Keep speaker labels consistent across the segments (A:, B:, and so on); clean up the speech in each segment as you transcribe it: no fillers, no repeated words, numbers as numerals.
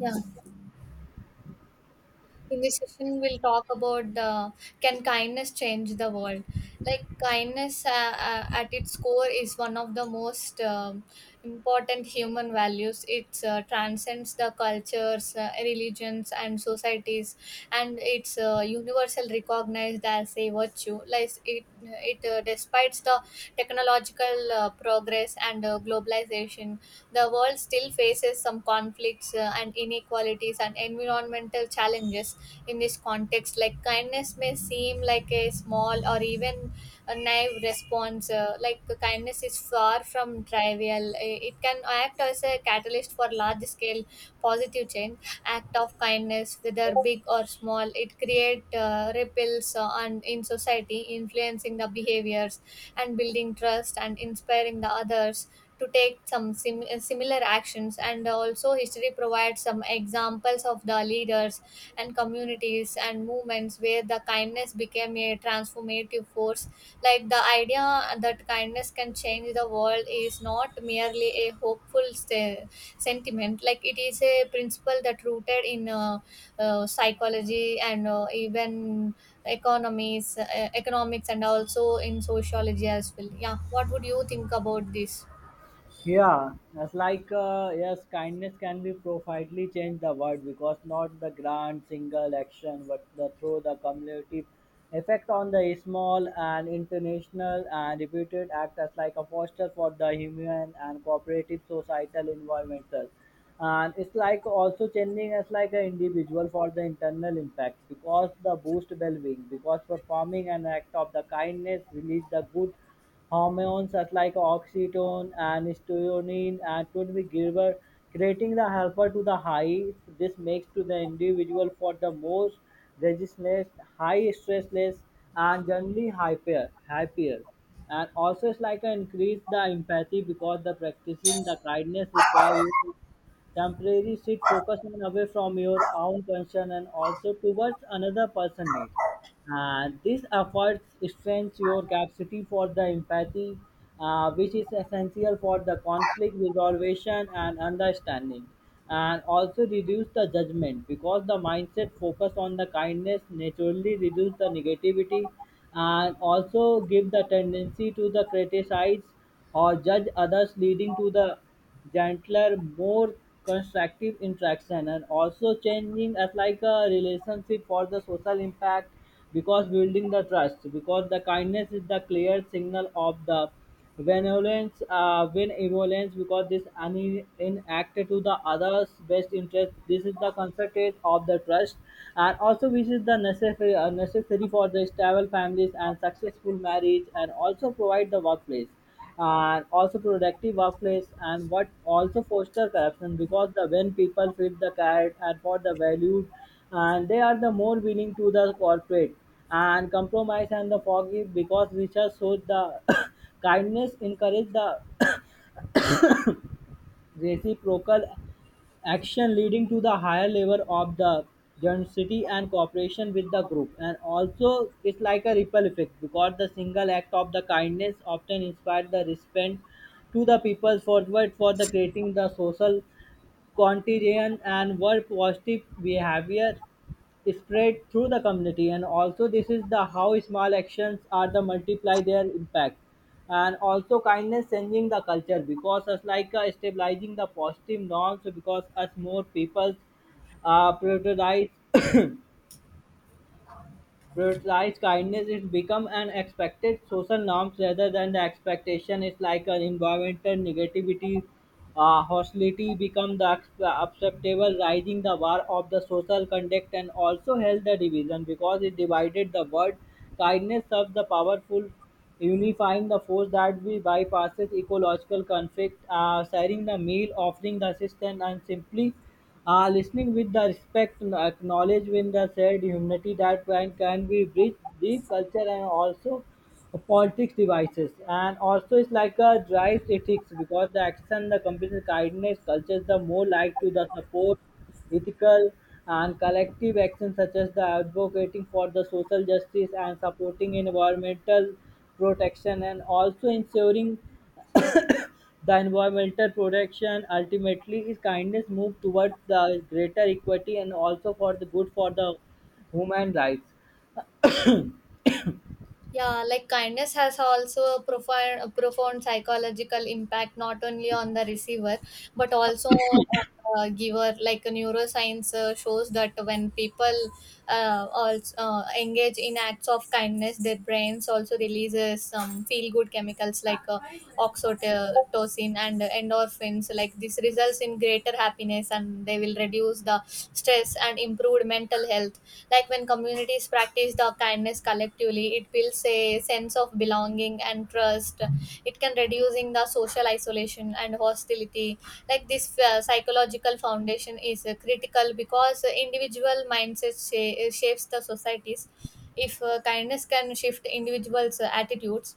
A: Yeah, in this session, we'll talk about the "Can kindness change the world?" Like kindness, at its core, is one of the most important human values. It transcends the cultures, religions, and societies, and it's universal recognized as a virtue. Like it despite the technological progress and globalization, the world still faces some conflicts and inequalities and environmental challenges in this context. Like kindness may seem like a small or even a naive response. Like kindness is far from trivial. It can act as a catalyst for large scale positive change. Act of kindness, whether big or small, it create ripples on in society, influencing the behaviors and building trust and inspiring the others to take some similar actions. And also history provides some examples of the leaders and communities and movements where the kindness became a transformative force. Like the idea that kindness can change the world is not merely a hopeful sentiment. Like it is a principle that rooted in psychology and even economies economics and also in sociology as well. Yeah, what would you think about this?
B: Yeah, that's like yes, kindness can be profoundly change the world because not the grand single action, but the through the cumulative effect on the small and international and repeated act as like a foster for the human and cooperative societal environmental, and it's like also changing as like an individual for the internal impact because the boost well-being because performing an act of the kindness release the good hormones such like oxytocin and serotonin and to the giver, creating the helper to the high. This makes to the individual for the most resistless, high stressless, and generally happier. And also it's like an increase the empathy because the practicing the kindness require you to temporary sit focus and away from your own concern and also towards another person need, this efforts strengthens your capacity for the empathy, which is essential for the conflict resolution and understanding, and also reduce the judgment because the mindset focus on the kindness naturally reduce the negativity and also give the tendency to the criticize or judge others leading to the gentler, more constructive interaction and also changing as like a relationship for the social impact because building the trust, because the kindness is the clear signal of the benevolence because this any in act to the others best interest, this is the concept of the trust, and also which is the necessary for the stable families and successful marriage and also provide the workplace and also productive workplace. And what also foster corruption because the when people fit the cat and for the valued, and they are the more willing to the corporate and compromise and the forgive, because research shows the kindness encourage the reciprocal action leading to the higher level of the density and cooperation with the group. And also it's like a ripple effect, because the single act of the kindness often inspires the respect to the people's forward for the creating the social contagion, and word positive behavior spread through the community, and also this is the how small actions are the multiply their impact. And also kindness changing the culture because us like stabilizing the positive norms, because us more people uh, prioritize prioritize kindness, it become an expected social norms rather than the expectation. It's like an environmental negativity, hostility become the acceptable, rising the bar of the social conduct, and also held the division, because it divided the world. Kindness serves the powerful unifying the force that we bypasses ecological conflict, sharing the meal, offering the assistance, and simply listening with the respect, and acknowledge with the shared humanity that can be bridge deep culture and also politics devices. And also it's like a drives ethics, because the action the company's kindness cultures the more like to the support ethical and collective actions, such as the advocating for the social justice and supporting environmental protection and also ensuring the environmental protection. Ultimately is kindness move towards the greater equity, and also for the good for the human rights.
A: Yeah, like kindness has also a profound psychological impact not only on the receiver but also on the giver. Like neuroscience shows that when people also engage in acts of kindness, their brains also releases some feel-good chemicals like oxytocin and endorphins. Like this results in greater happiness, and they will reduce the stress and improved mental health. Like when communities practice the kindness collectively, it builds a sense of belonging and trust. It can reducing the social isolation and hostility. Like this psychological foundation is critical because individual mindset shapes the societies. If kindness can shift individuals' attitudes,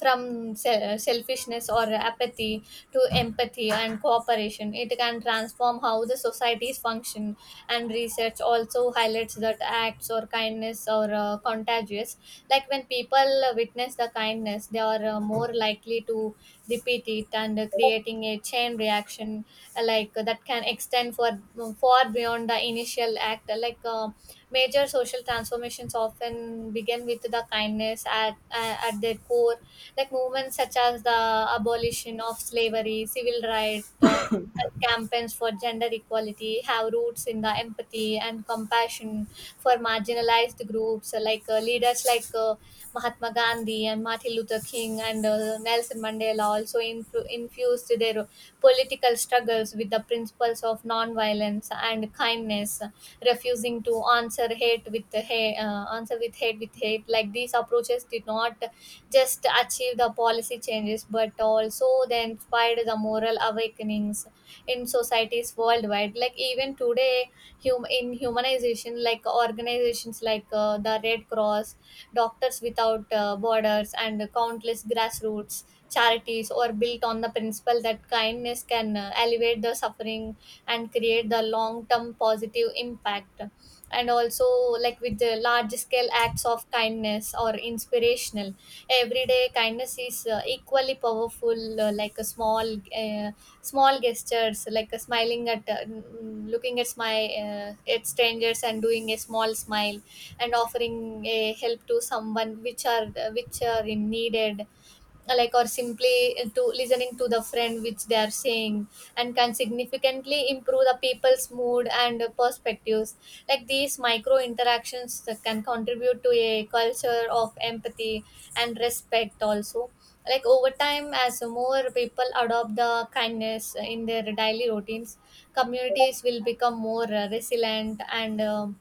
A: from selfishness or apathy to empathy and cooperation. It can transform how the societies function, and research also highlights that acts or kindness are contagious. Like when people witness the kindness, they are more likely to repeat it and creating a chain reaction that can extend for far beyond the initial act. Like major social transformations often begin with the kindness at their core. Like movements such as the abolition of slavery, civil rights, and campaigns for gender equality have roots in the empathy and compassion for marginalized groups, leaders like Mahatma Gandhi and Martin Luther King and Nelson Mandela also infused their political struggles with the principles of non-violence and kindness, refusing to answer hate with the hate, answer with hate with hate. Like these approaches did not just achieve the policy changes but also they inspired the moral awakenings in societies worldwide. Like even today in humanization, like organizations like the Red Cross, Doctors Without Borders and countless grassroots charities are built on the principle that kindness can alleviate the suffering and create the long term positive impact. And also like with the large scale acts of kindness or inspirational everyday kindness is equally powerful. Uh, like a small uh, small gestures like a smiling at looking at my at strangers and doing a small smile and offering a help to someone which are in needed, like or simply to listening to the friend which they are saying, and can significantly improve the people's mood and perspectives. Like these micro interactions that can contribute to a culture of empathy and respect also. Like over time as more people adopt the kindness in their daily routines, communities will become more resilient and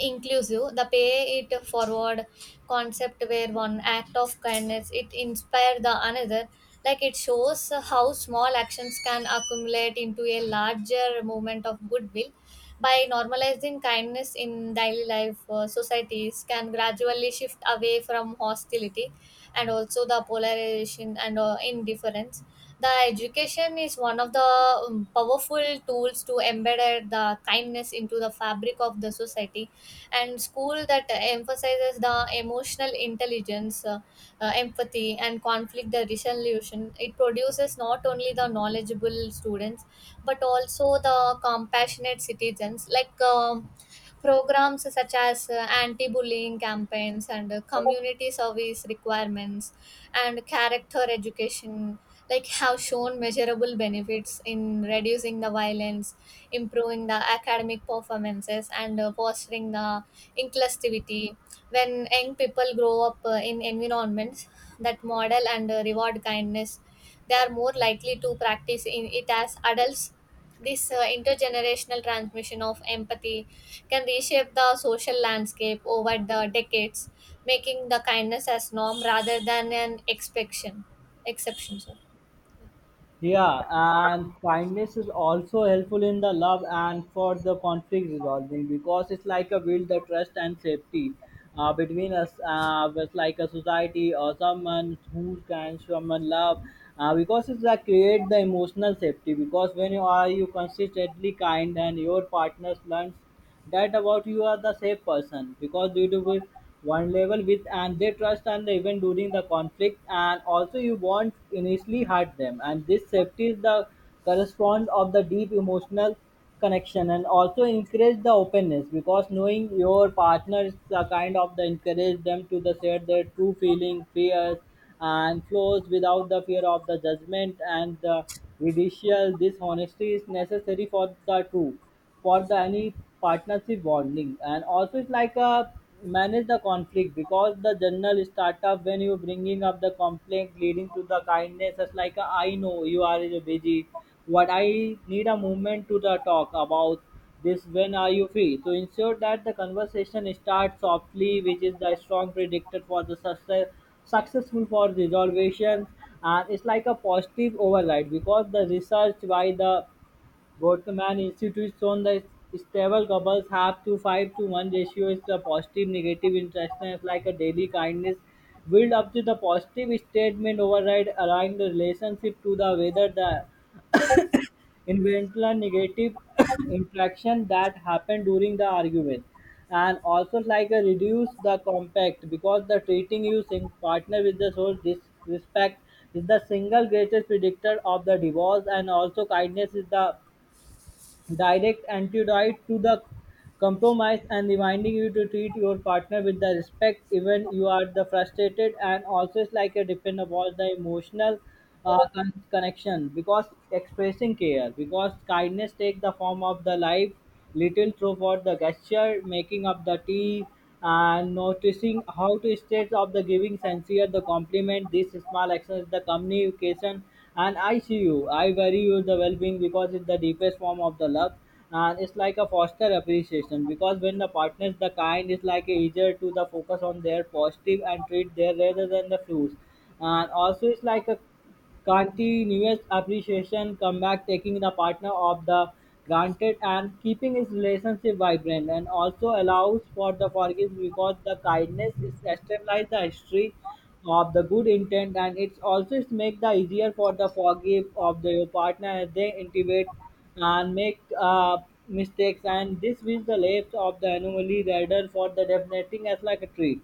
A: inclusive. The pay it forward concept where one act of kindness it inspire the another, like it shows how small actions can accumulate into a larger movement of goodwill. By normalizing kindness in daily life, societies can gradually shift away from hostility and also the polarization and indifference. The education is one of the powerful tools to embed the kindness into the fabric of the society, and school that emphasizes the emotional intelligence, empathy and conflict the resolution, it produces not only the knowledgeable students but also the compassionate citizens. Like programs such as anti-bullying campaigns and community service requirements and character education like have shown measurable benefits in reducing the violence, improving the academic performances and fostering the inclusivity. When young people grow up in environments that model and reward kindness, they are more likely to practice in it as adults. This intergenerational transmission of empathy can reshape the social landscape over the decades, making the kindness as norm rather than an exception. Sorry.
B: Yeah, and kindness is also helpful in the love and for the conflict resolving, because it's like a build the trust and safety between us, with like a society or someone who can someone love. Because it's like create the emotional safety, because when you are you consistently kind and your partners learns that about you are the safe person, because you do with vulnerable with and they trust, and even during the conflict and also you won't initially hurt them, and this safety is the correspond of the deep emotional connection. And also encourage the openness, because knowing your partner is the kind of the encourage them to the share their true feeling fears and flows without the fear of the judgment and the ridicule. This honesty is necessary for the true for the any partnership bonding. And also it's like a manage the conflict, because the general startup when you bringing up the conflict leading to the kindness it's like a, I know you are busy, what I need a moment to the talk about this, when are you free, to ensure that the conversation starts softly, which is the strong predictor for the successful for resolutions. And it's like a positive override, because the research by the Gottman institutes shown the stable couples have to 5-to-1 ratio is the positive-negative interaction, is like a daily kindness build up to the positive statement override align the relationship to the whether the inventor negative interaction that happened during the argument. And also like a reduce the compact, because the treating you sing partner with the soul disrespect is the single greatest predictor of the divorce, and also kindness is the direct antidote to the compromise, and reminding you to treat your partner with the respect even you are the frustrated. And also it's like a depend upon the emotional connection, because expressing care, because kindness take the form of the life little throughout the gesture, making up the tea, and noticing how to state of the giving sincere the compliment. These small actions, the communication, and I see you. I worry you the well-being, because it's the deepest form of the love. And it's like a foster appreciation, because when the partners the kind is like a easier to the focus on their positive and treat their rather than the flaws. And also it's like a continuous appreciation comeback taking the partner of the granted and keeping his relationship vibrant. And also allows for the forgiveness, because the kindness is stabilize the history of the good intent, and it's also it make the easier for the forgive of the your partner as they intimate and make mistakes, and this is the left of the anomaly rather for the definiting as like a tree.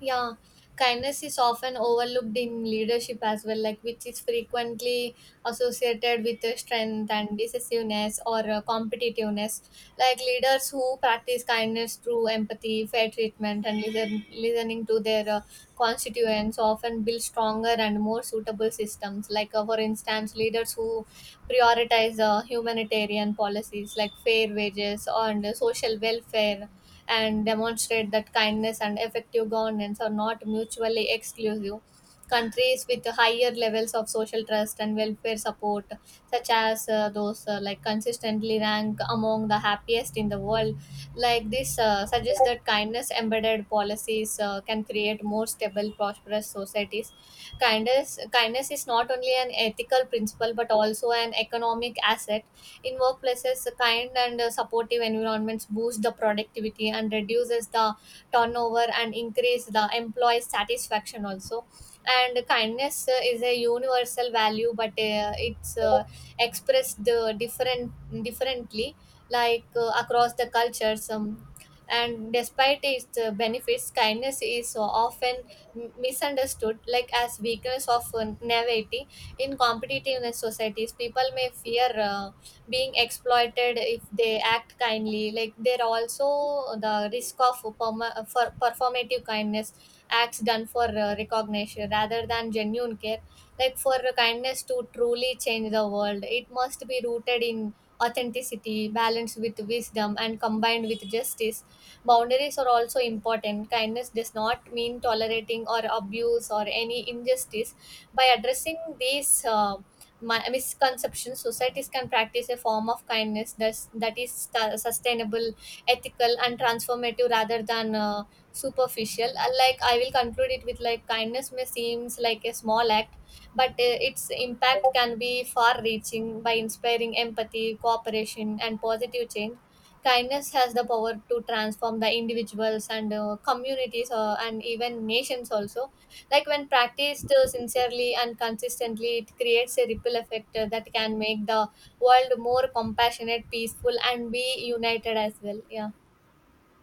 A: Yeah, kindness is often overlooked in leadership as well, like which is frequently associated with strength and decisiveness or competitiveness. Like leaders who practice kindness through empathy, fair treatment, and listening to their constituents often build stronger and more suitable systems. Like, for instance, leaders who prioritize humanitarian policies like fair wages and social welfare and demonstrate that kindness and effective governance are not mutually exclusive. Countries with higher levels of social trust and welfare support, such as those like consistently rank among the happiest in the world. Like this suggests that kindness embedded policies can create more stable, prosperous societies. Kindness is not only an ethical principle but also an economic asset. In workplaces, a kind and supportive environments boost the productivity and reduces the turnover and increase the employee satisfaction also. And kindness is a universal value, but it's expressed differently, like across the cultures. And despite its benefits, kindness is often misunderstood like as weakness of naivety. In competitive societies people may fear being exploited if they act kindly. Like there are also the risk of for performative kindness, acts done for recognition rather than genuine care. Like for kindness to truly change the world it must be rooted in authenticity, balanced with wisdom and combined with justice. Boundaries are also important. Kindness does not mean tolerating or abuse or any injustice. By addressing these misconceptions, societies can practice a form of kindness that is sustainable, ethical, and transformative rather than superficial. Like I will conclude it with like kindness may seems like a small act, but its impact can be far-reaching by inspiring empathy, cooperation, and positive change. Kindness has the power to transform the individuals and communities and even nations also. Like when practiced sincerely and consistently, it creates a ripple effect that can make the world more compassionate, peaceful, and be united as well. Yeah.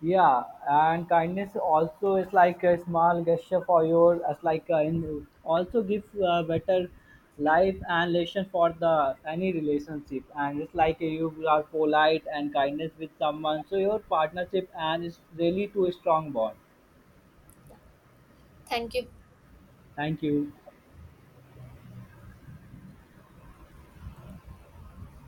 B: Yeah, and kindness also is like a small gesture for your, as like in, also give better life and relation for the any relationship. And it's like you are polite and kindness with someone, so your partnership and it's really to a strong bond.
A: Thank you.
B: Thank you.